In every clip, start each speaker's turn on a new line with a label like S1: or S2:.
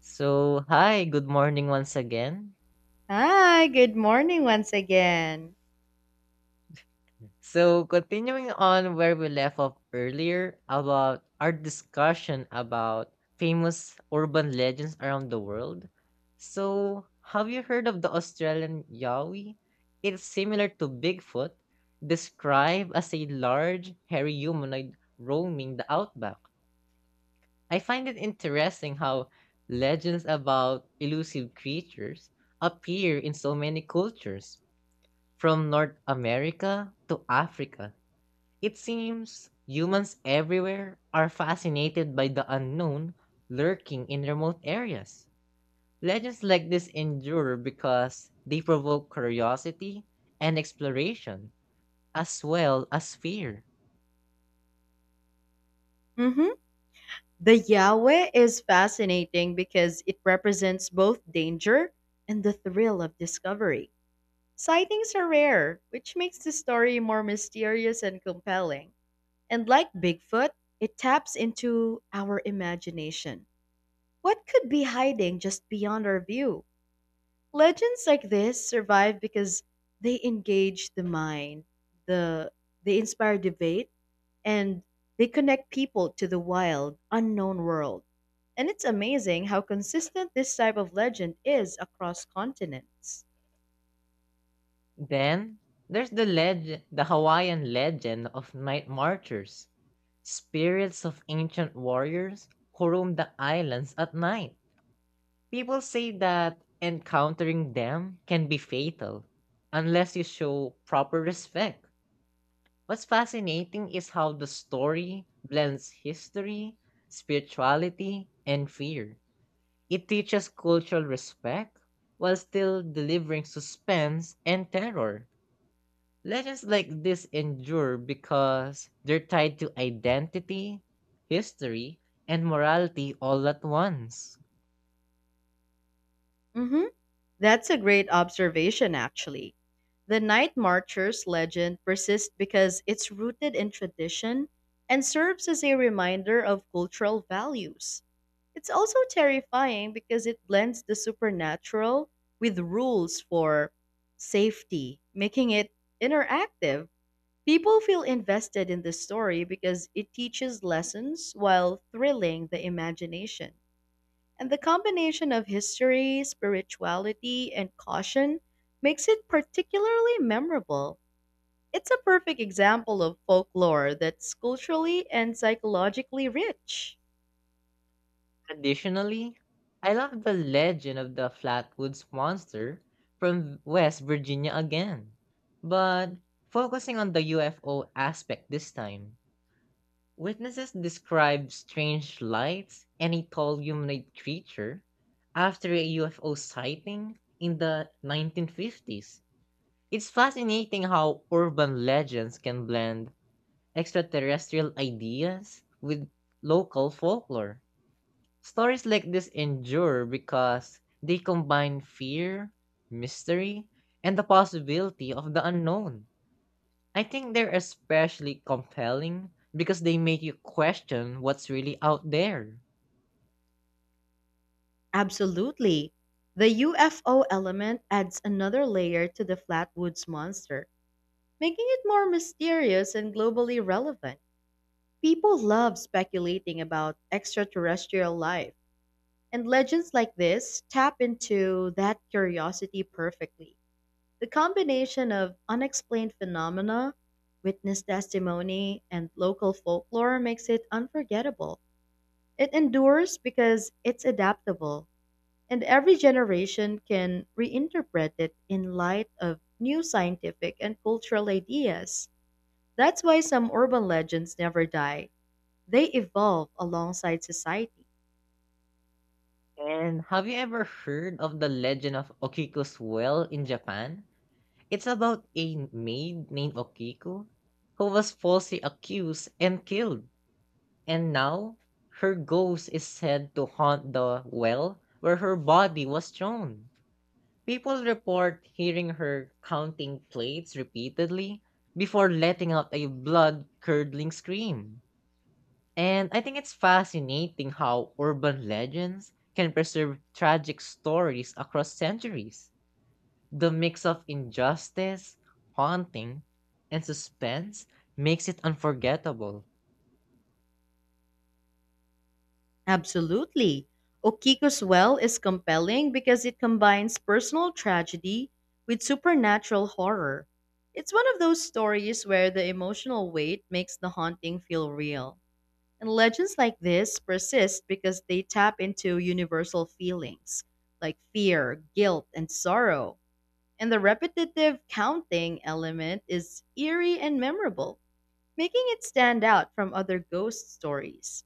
S1: So, hi, good morning once again.
S2: Hi, good morning once again.
S1: Continuing on where we left off earlier about our discussion about famous urban legends around the world. So, have you heard of the Australian Yowie? It's similar to Bigfoot, described as a large, hairy humanoid roaming the outback. I find it interesting how legends about elusive creatures appear in so many cultures. From North America to Africa, it seems humans everywhere are fascinated by the unknown lurking in remote areas. Legends like this endure because they provoke curiosity and exploration, as well as fear.
S2: Hmm. The Yahweh is fascinating because it represents both danger and the thrill of discovery. Sightings are rare, which makes the story more mysterious and compelling. And like Bigfoot, it taps into our imagination. What could be hiding just beyond our view? Legends like this survive because they engage the mind, the they inspire debate and they connect people to the wild, unknown world. And it's amazing how consistent this type of legend is across continents.
S1: Then, there's the Hawaiian legend of night marchers, spirits of ancient warriors who roam the islands at night. People say that encountering them can be fatal unless you show proper respect. What's fascinating is how the story blends history, spirituality, and fear. It teaches cultural respect while still delivering suspense and terror. Legends like this endure because they're tied to identity, history, and morality all at once.
S2: Hmm. That's a great observation, actually. The Night Marchers legend persists because it's rooted in tradition and serves as a reminder of cultural values. It's also terrifying because it blends the supernatural with rules for safety, making it interactive. People feel invested in this story because it teaches lessons while thrilling the imagination. And the combination of history, spirituality, and caution makes it particularly memorable. It's a perfect example of folklore that's culturally and psychologically rich.
S1: Additionally, I love the legend of the Flatwoods Monster from West Virginia again, but focusing on the UFO aspect this time. Witnesses describe strange lights and a tall humanoid creature after a UFO sighting in the 1950s. It's fascinating how urban legends can blend extraterrestrial ideas with local folklore. Stories like this endure because they combine fear, mystery, and the possibility of the unknown. I think they're especially compelling because they make you question what's really out there.
S2: Absolutely. The UFO element adds another layer to the Flatwoods monster, making it more mysterious and globally relevant. People love speculating about extraterrestrial life, and legends like this tap into that curiosity perfectly. The combination of unexplained phenomena, witness testimony, and local folklore makes it unforgettable. It endures because it's adaptable, and every generation can reinterpret it in light of new scientific and cultural ideas. That's why some urban legends never die; they evolve alongside society.
S1: And have you ever heard of the legend of Okiku's well in Japan? It's about a maid named Okiku who was falsely accused and killed. And now, her ghost is said to haunt the well where her body was thrown. People report hearing her counting plates repeatedly before letting out a blood curdling scream. And I think it's fascinating how urban legends can preserve tragic stories across centuries. The mix of injustice, haunting, and suspense makes it unforgettable.
S2: Absolutely. Okiko's Well is compelling because it combines personal tragedy with supernatural horror. It's one of those stories where the emotional weight makes the haunting feel real. And legends like this persist because they tap into universal feelings like fear, guilt, and sorrow. And the repetitive counting element is eerie and memorable, making it stand out from other ghost stories.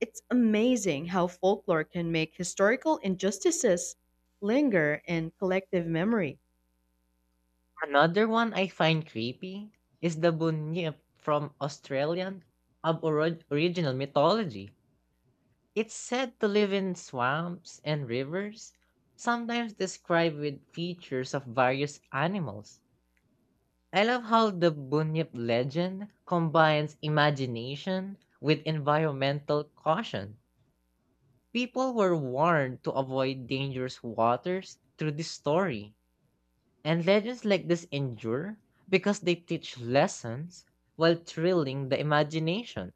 S2: It's amazing how folklore can make historical injustices linger in collective memory.
S1: Another one I find creepy is the Bunyip from Australian original mythology. It's said to live in swamps and rivers, sometimes described with features of various animals. I love how the Bunyip legend combines imagination with environmental caution. People were warned to avoid dangerous waters through this story. And legends like this endure because they teach lessons while thrilling the imagination.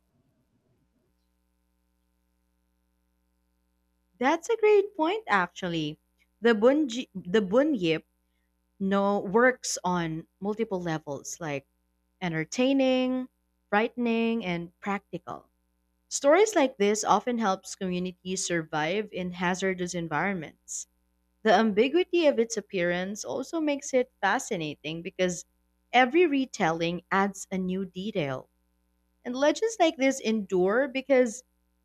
S2: That's a great point, actually. The Bunyip no works on multiple levels, like entertaining, frightening, and practical. Stories like this often helps communities survive in hazardous environments. The ambiguity of its appearance also makes it fascinating because every retelling adds a new detail. And legends like this endure because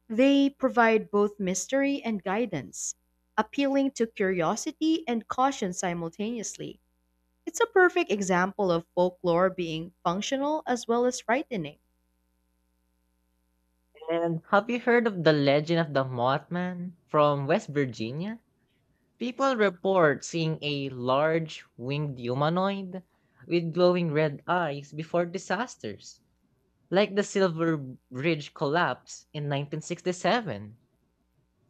S2: they provide both mystery and guidance, appealing to curiosity and caution simultaneously. It's a perfect example of folklore being functional as well as frightening.
S1: And have you heard of the legend of the Mothman from West Virginia? People report seeing a large winged humanoid with glowing red eyes before disasters, like the Silver Bridge collapse in 1967.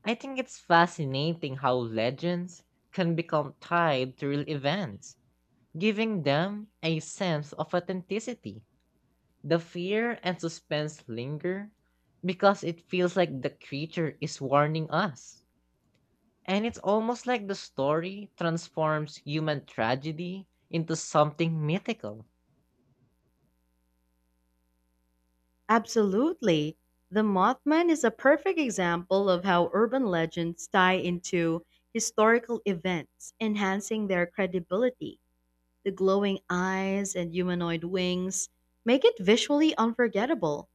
S1: I think it's fascinating how legends can become tied to real events, giving them a sense of authenticity. The fear and suspense linger because it feels like the creature is warning us. And it's almost like the story transforms human tragedy into something mythical.
S2: Absolutely. The Mothman is a perfect example of how urban legends tie into historical events, enhancing their credibility. The glowing eyes and humanoid wings make it visually unforgettable.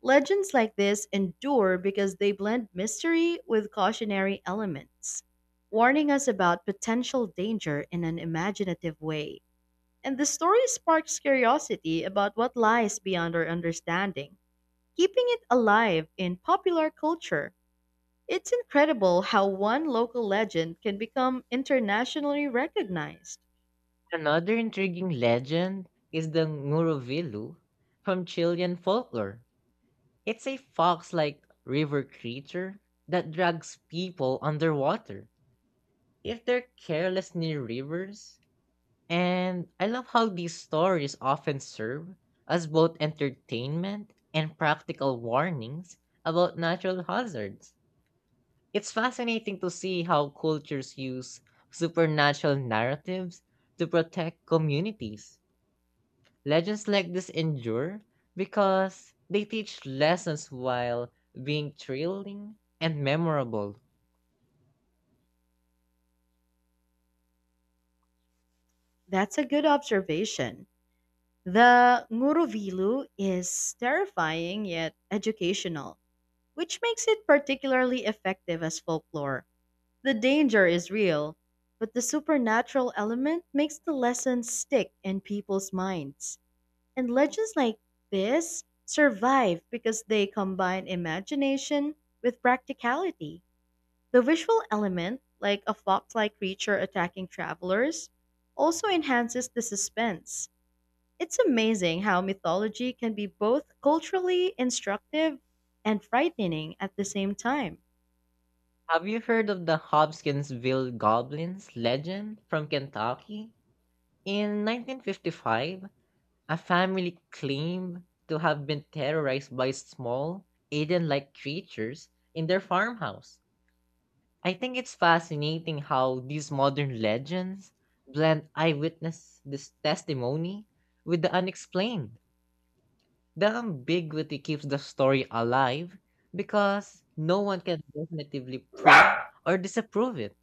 S2: Legends like this endure because they blend mystery with cautionary elements, warning us about potential danger in an imaginative way. And the story sparks curiosity about what lies beyond our understanding, keeping it alive in popular culture. It's incredible how one local legend can become internationally recognized.
S1: Another intriguing legend is the Nguruvilu from Chilean folklore. It's a fox like river creature that drags people underwater if they're careless near rivers. And I love how these stories often serve as both entertainment and practical warnings about natural hazards. It's fascinating to see how cultures use supernatural narratives to protect communities. Legends like this endure because they teach lessons while being thrilling and memorable.
S2: That's a good observation. The Nguruvilu is terrifying yet educational, which makes it particularly effective as folklore. The danger is real, but the supernatural element makes the lesson stick in people's minds. And legends like this survive because they combine imagination with practicality. The visual element, like a fox like creature attacking travelers, also enhances the suspense. It's amazing how mythology can be both culturally instructive and frightening at the same time.
S1: Have you heard of the Hopkinsville Goblins legend from Kentucky? In 1955, a family claimed to have been terrorized by small, alien like creatures in their farmhouse. I think it's fascinating how these modern legends blend eyewitness this testimony with the unexplained. The ambiguity keeps the story alive because no one can definitively prove or disapprove it.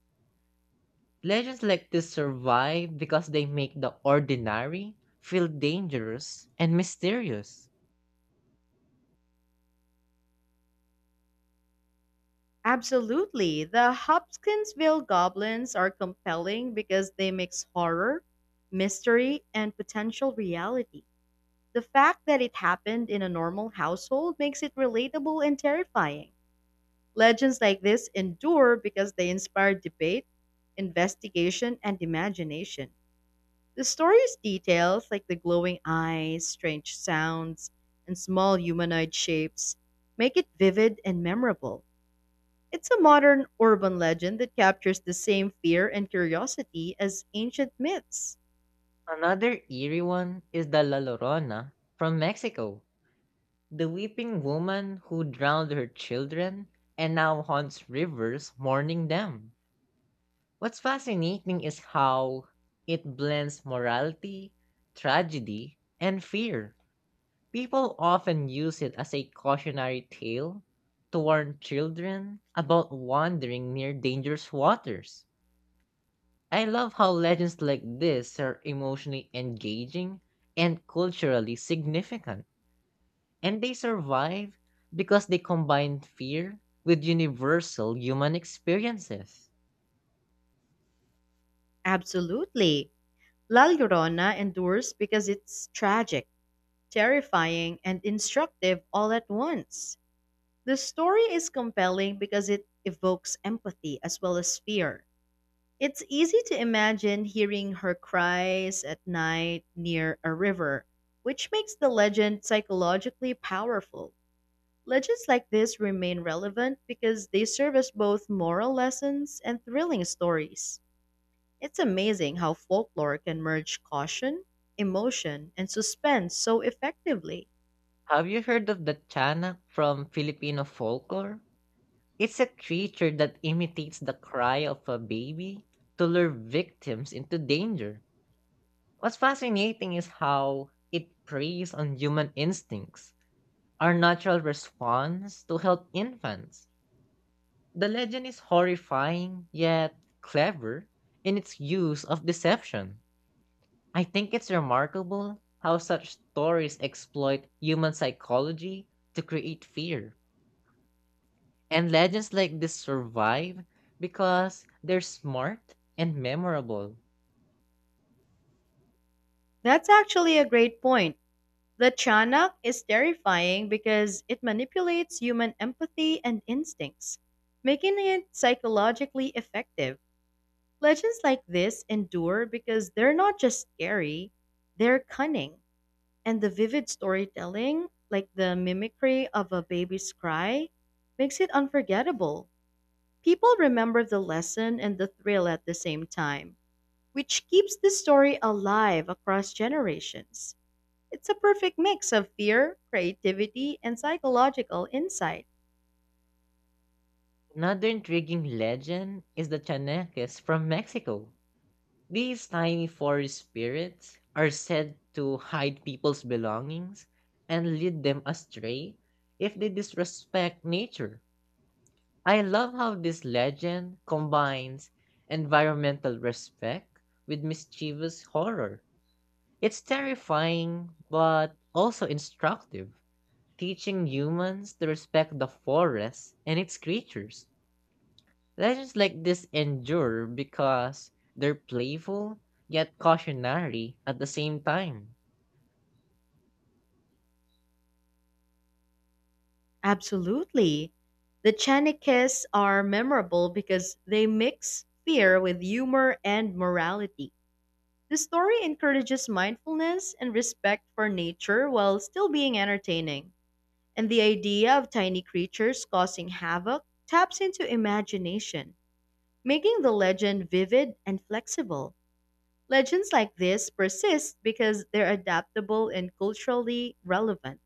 S1: Legends like this survive because they make the ordinary feel dangerous and mysterious.
S2: Absolutely, the Hopkinsville goblins are compelling because they mix horror, mystery, and potential reality. The fact that it happened in a normal household makes it relatable and terrifying. Legends like this endure because they inspire debate, investigation, and imagination. The story's details, like the glowing eyes, strange sounds, and small humanoid shapes, make it vivid and memorable. It's a modern urban legend that captures the same fear and curiosity as ancient myths.
S1: Another eerie one is the La Llorona from Mexico, the weeping woman who drowned her children and now haunts rivers mourning them. What's fascinating is how it blends morality, tragedy, and fear. People often use it as a cautionary tale to warn children about wandering near dangerous waters. I love how legends like this are emotionally engaging and culturally significant, and they survive because they combine fear with universal human experiences.
S2: Absolutely. La Llorona endures because it's tragic, terrifying, and instructive all at once. The story is compelling because it evokes empathy as well as fear. It's easy to imagine hearing her cries at night near a river, which makes the legend psychologically powerful. Legends like this remain relevant because they serve as both moral lessons and thrilling stories. It's amazing how folklore can merge caution, emotion, and suspense so effectively.
S1: Have you heard of the Chanak from Filipino folklore? It's a creature that imitates the cry of a baby to lure victims into danger. What's fascinating is how it preys on human instincts, our natural response to help infants. The legend is horrifying yet clever in its use of deception. I think it's remarkable how such stories exploit human psychology to create fear. And legends like this survive because they're smart and memorable.
S2: That's actually a great point. The Chanak is terrifying because it manipulates human empathy and instincts, making it psychologically effective. Legends like this endure because they're not just scary, they're cunning. And the vivid storytelling, like the mimicry of a baby's cry, makes it unforgettable. People remember the lesson and the thrill at the same time, which keeps the story alive across generations. It's a perfect mix of fear, creativity, and psychological insight.
S1: Another intriguing legend is the Chaneques from Mexico. These tiny forest spirits are said to hide people's belongings and lead them astray if they disrespect nature. I love how this legend combines environmental respect with mischievous horror. It's terrifying but also instructive, teaching humans to respect the forest and its creatures. Legends like this endure because they're playful yet cautionary at the same time.
S2: Absolutely. The Chanikis are memorable because they mix fear with humor and morality. The story encourages mindfulness and respect for nature while still being entertaining. And the idea of tiny creatures causing havoc taps into imagination, making the legend vivid and flexible. Legends like this persist because they're adaptable and culturally relevant.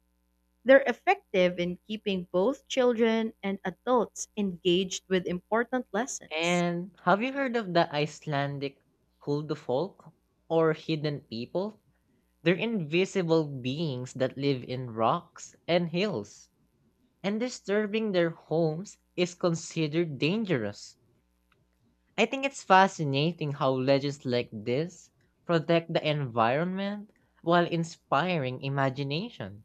S2: They're effective in keeping both children and adults engaged with important lessons.
S1: And have you heard of the Icelandic Huldufolk or hidden people? They're invisible beings that live in rocks and hills, and disturbing their homes is considered dangerous. I think it's fascinating how legends like this protect the environment while inspiring imagination.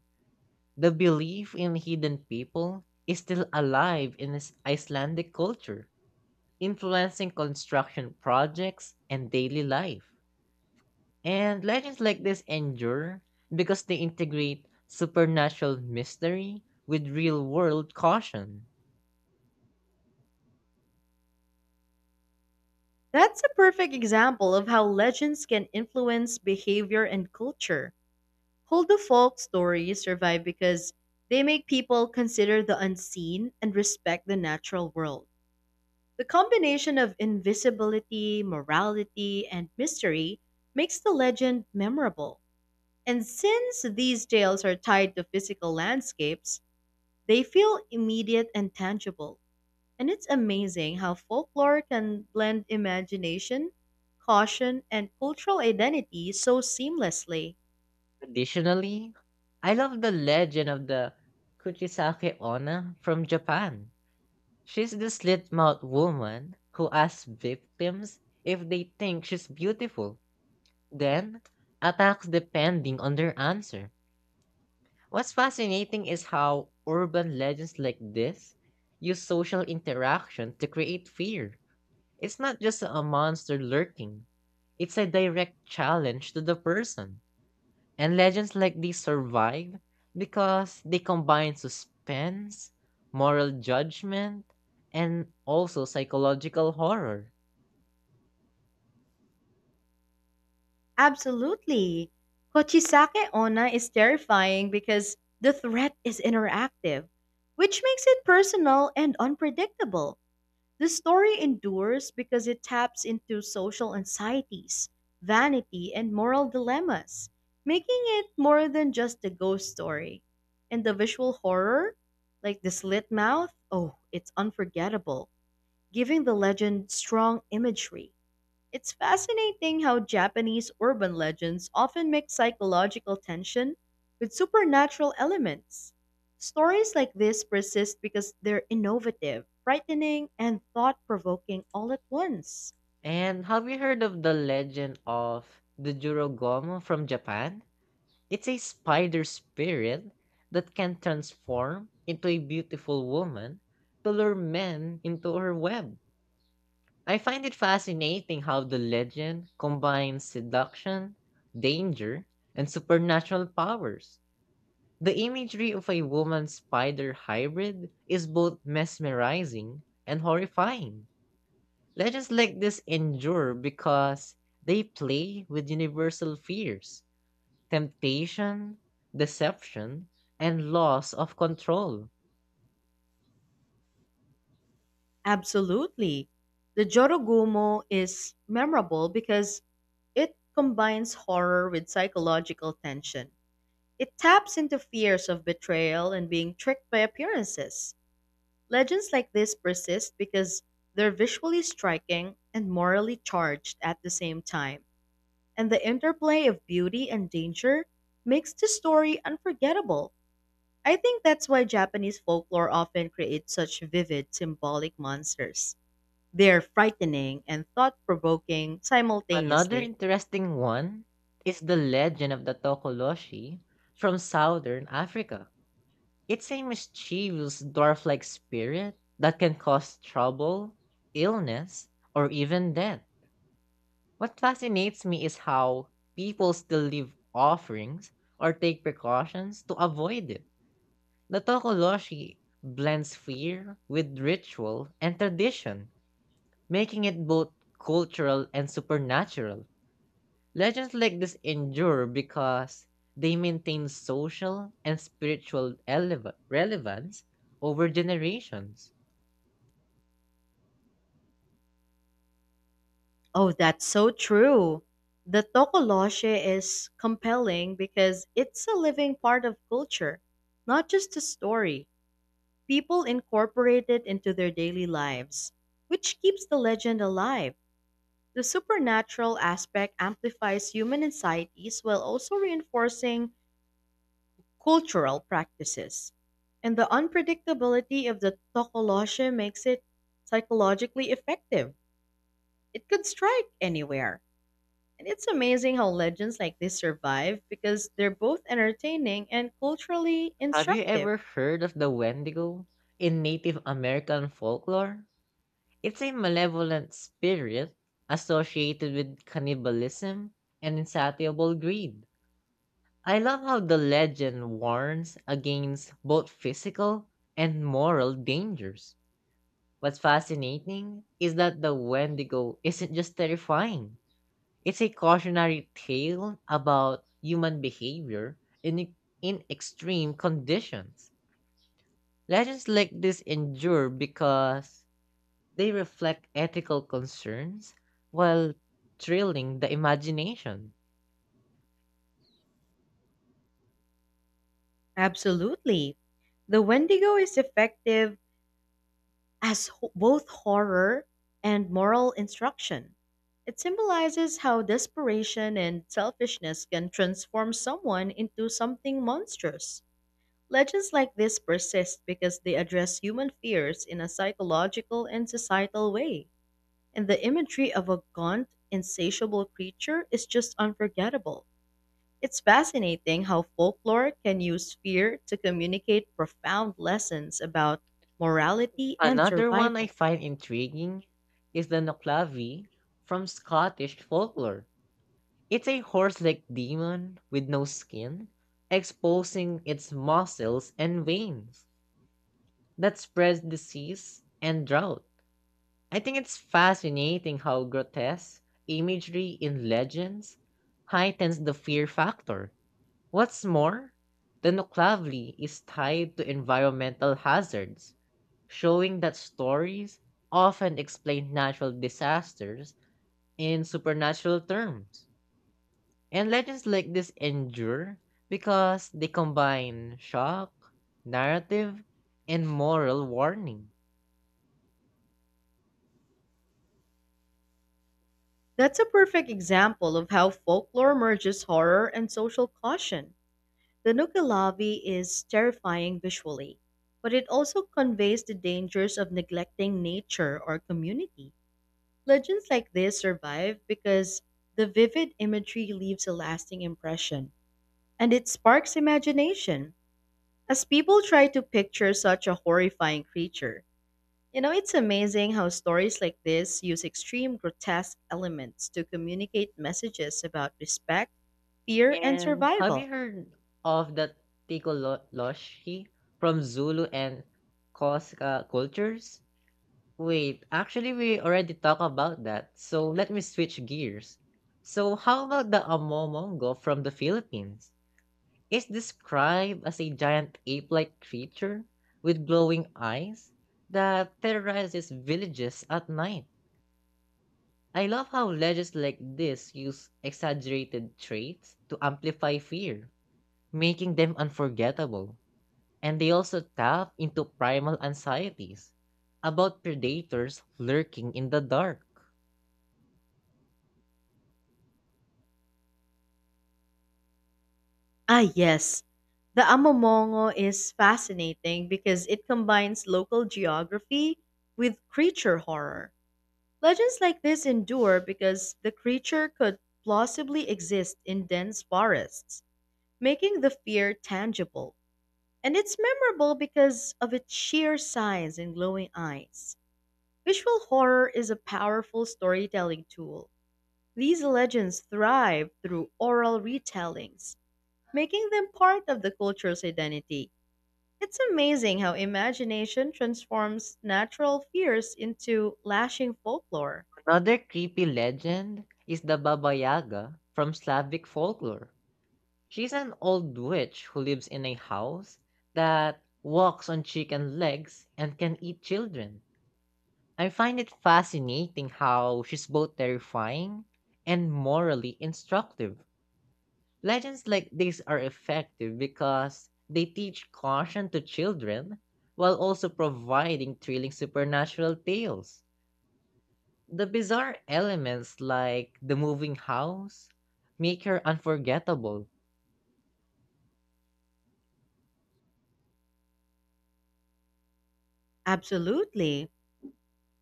S1: The belief in hidden people is still alive in this Icelandic culture, influencing construction projects and daily life. And legends like this endure because they integrate supernatural mystery with real world caution.
S2: That's a perfect example of how legends can influence behavior and culture. Holdo folk stories survive because they make people consider the unseen and respect the natural world. The combination of invisibility, morality, and mystery makes the legend memorable. And since these tales are tied to physical landscapes, they feel immediate and tangible. And it's amazing how folklore can blend imagination, caution, and cultural identity so seamlessly.
S1: Additionally, I love the legend of the Kuchisake Onna from Japan. She's the slit-mouthed woman who asks victims if they think she's beautiful, then attacks depending on their answer. What's fascinating is how urban legends like this use social interaction to create fear. It's not just a monster lurking, it's a direct challenge to the person. And legends like these survive because they combine suspense, moral judgment, and also psychological horror.
S2: Absolutely. Kochisake Onna is terrifying because the threat is interactive, which makes it personal and unpredictable. The story endures because it taps into social anxieties, vanity, and moral dilemmas, making it more than just a ghost story. And the visual horror, like the slit mouth, oh, it's unforgettable, giving the legend strong imagery. It's fascinating how Japanese urban legends often mix psychological tension with supernatural elements. Stories like this persist because they're innovative, frightening, and thought provoking all at once.
S1: And have you heard of the legend of the Jurogomo from Japan? It's a spider spirit that can transform into a beautiful woman to lure men into her web. I find it fascinating how the legend combines seduction, danger, and supernatural powers. The imagery of a woman spider hybrid is both mesmerizing and horrifying. Legends like this endure because they play with universal fears, temptation, deception, and loss of control.
S2: Absolutely. The Jorogumo is memorable because it combines horror with psychological tension. It taps into fears of betrayal and being tricked by appearances. Legends like this persist because they're visually striking and morally charged at the same time, and the interplay of beauty and danger makes the story unforgettable. I think that's why Japanese folklore often creates such vivid symbolic monsters. They're frightening and thought provoking
S1: Another
S2: simultaneously.
S1: interesting one is the legend of the Tokoloshi from southern Africa. It's a mischievous dwarf like spirit that can cause trouble, illness, or even death. What fascinates me is how people still leave offerings or take precautions to avoid it. The Tokoloshi blends fear with ritual and tradition, making it both cultural and supernatural. Legends like this endure because they maintain social and spiritual relevance over generations.
S2: Oh, that's so true. The Tokoloshe is compelling because it's a living part of culture, not just a story. People incorporate it into their daily lives, which keeps the legend alive. The supernatural aspect amplifies human anxieties while also reinforcing cultural practices. And the unpredictability of the Tokoloshe makes it psychologically effective. It could strike anywhere. And it's amazing how legends like this survive because they're both entertaining and culturally
S1: Have you
S2: instructive.
S1: ever heard of the Wendigo in Native American folklore? It's a malevolent spirit associated with cannibalism and insatiable greed. I love how the legend warns against both physical and moral dangers. What's fascinating is that the Wendigo isn't just terrifying, it's a cautionary tale about human behavior in extreme conditions. Legends like this endure because they reflect ethical concerns while thrilling the imagination.
S2: Absolutely. The Wendigo is effective as both horror and moral instruction. It symbolizes how desperation and selfishness can transform someone into something monstrous. Legends like this persist because they address human fears in a psychological and societal way, and the imagery of a gaunt, insatiable creature is just unforgettable. It's fascinating how folklore can use fear to communicate profound lessons about morality and
S1: Another one I
S2: survival.
S1: find intriguing is the Noclavi from Scottish folklore. It's a horse like demon with no skin, exposing its muscles and veins that spreads disease and drought. I think it's fascinating how grotesque imagery in legends heightens the fear factor. What's more, the Nuclavli is tied to environmental hazards, showing that stories often explain natural disasters in supernatural terms. And legends like this endure because they combine shock, narrative, and moral warning.
S2: That's a perfect example of how folklore merges horror and social caution. The Nukalabi is terrifying visually, but it also conveys the dangers of neglecting nature or community. Legends like this survive because the vivid imagery leaves a lasting impression, and it sparks imagination as people try to picture such a horrifying creature. You know, it's amazing how stories like this use extreme grotesque elements to communicate messages about respect, fear, and
S1: And have you
S2: survival.
S1: heard of the Tikoloshi from Zulu and Koska cultures? Wait, actually, we already talked about that, so let me switch gears. So, how about the Amomongo from the Philippines? It's described as a giant ape like creature with glowing eyes that terrorizes villages at night. I love how legends like this use exaggerated traits to amplify fear, making them unforgettable. And they also tap into primal anxieties about predators lurking in the dark.
S2: Ah, yes. The Amomongo is fascinating because it combines local geography with creature horror. Legends like this endure because the creature could plausibly exist in dense forests, making the fear tangible. And it's memorable because of its sheer size and glowing eyes. Visual horror is a powerful storytelling tool. These legends thrive through oral retellings, making them part of the culture's identity. It's amazing how imagination transforms natural fears into lashing folklore.
S1: Another creepy legend is the Baba Yaga from Slavic folklore. She's an old witch who lives in a house that walks on chicken legs and can eat children. I find it fascinating how she's both terrifying and morally instructive. Legends like these are effective because they teach caution to children while also providing thrilling supernatural tales. The bizarre elements like the moving house make her unforgettable.
S2: Absolutely.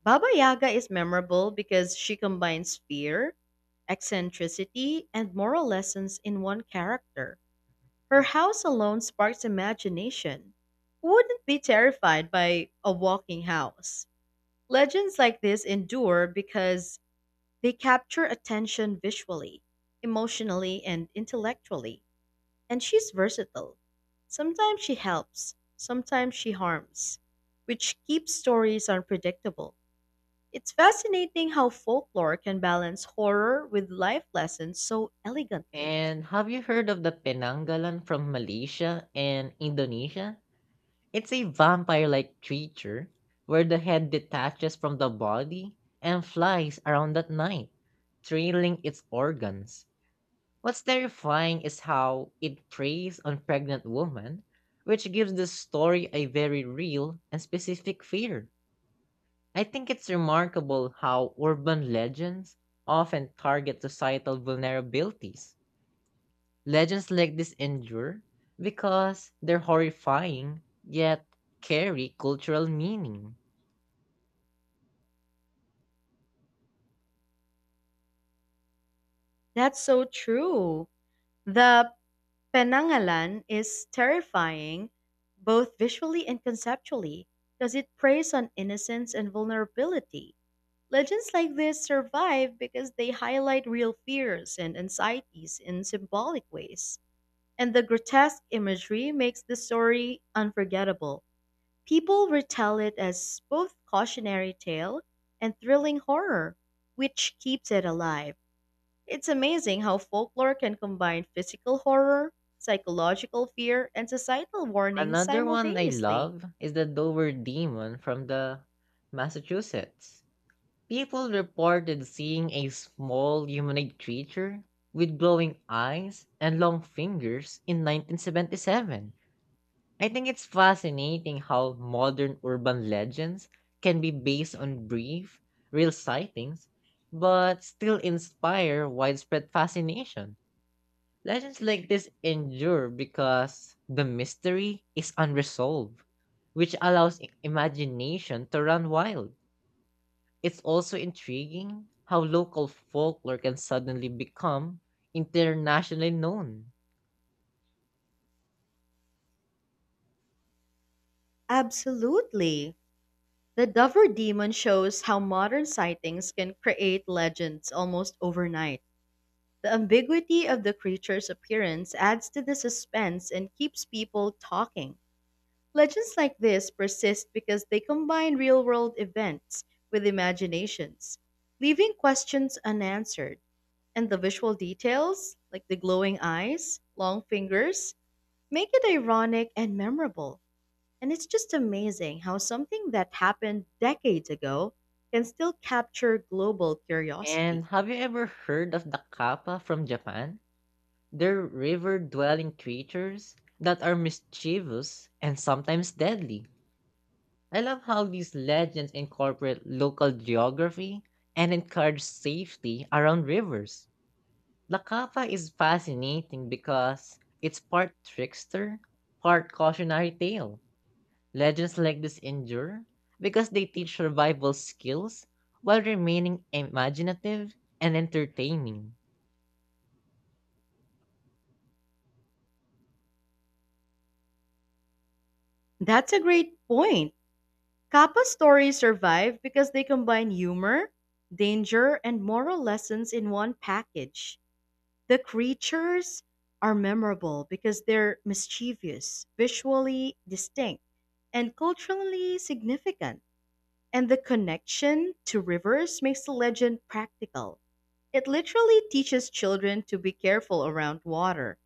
S2: Baba Yaga is memorable because she combines fear, eccentricity, and moral lessons in one character. Her house alone sparks imagination. Who wouldn't be terrified by a walking house? Legends like this endure because they capture attention visually, emotionally, and intellectually. And she's versatile. Sometimes she helps, sometimes she harms, which keeps stories unpredictable. It's fascinating how folklore can balance horror with life lessons so elegantly.
S1: And have you heard of the Penanggalan from Malaysia and Indonesia? It's a vampire-like creature where the head detaches from the body and flies around at night, trailing its organs. What's terrifying is how it preys on pregnant women, which gives the story a very real and specific fear. I think it's remarkable how urban legends often target societal vulnerabilities. Legends like this endure because they're horrifying yet carry cultural meaning.
S2: That's so true. The Penangalan is terrifying, both visually and conceptually, because it preys on innocence and vulnerability. Legends like this survive because they highlight real fears and anxieties in symbolic ways. And the grotesque imagery makes the story unforgettable. People retell it as both cautionary tale and thrilling horror, which keeps it alive. It's amazing how folklore can combine physical horror, psychological fear, and societal warnings
S1: Another one I
S2: simultaneously.
S1: love is the Dover Demon from the Massachusetts. People reported seeing a small humanoid creature with glowing eyes and long fingers in 1977. I think it's fascinating how modern urban legends can be based on brief, real sightings, but still inspire widespread fascination. Legends like this endure because the mystery is unresolved, which allows imagination to run wild. It's also intriguing how local folklore can suddenly become internationally known.
S2: Absolutely. The Dover Demon shows how modern sightings can create legends almost overnight. The ambiguity of the creature's appearance adds to the suspense and keeps people talking. Legends like this persist because they combine real world events with imaginations, leaving questions unanswered. And the visual details, like the glowing eyes, long fingers, make it ironic and memorable. And it's just amazing how something that happened decades ago can still capture global curiosity.
S1: And have you ever heard of the kappa from Japan? They're river dwelling creatures that are mischievous and sometimes deadly. I love how these legends incorporate local geography and encourage safety around rivers. La Capa is fascinating because it's part trickster, part cautionary tale. Legends like this endure because they teach survival skills while remaining imaginative and entertaining.
S2: That's a great point. Kappa stories survive because they combine humor, danger, and moral lessons in one package. The creatures are memorable because they're mischievous, visually distinct, and culturally significant. And the connection to rivers makes the legend practical. It literally teaches children to be careful around water.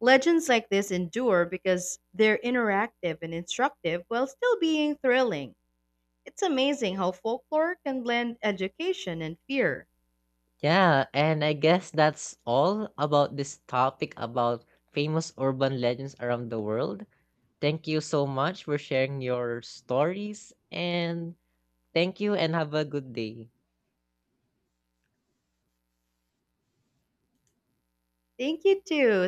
S2: Legends like this endure because they're interactive and instructive while still being thrilling. It's amazing how folklore can blend education and fear.
S1: Yeah, and I guess that's all about this topic about famous urban legends around the world. Thank you so much for sharing your stories, and thank you, and have a good day.
S2: Thank you, too.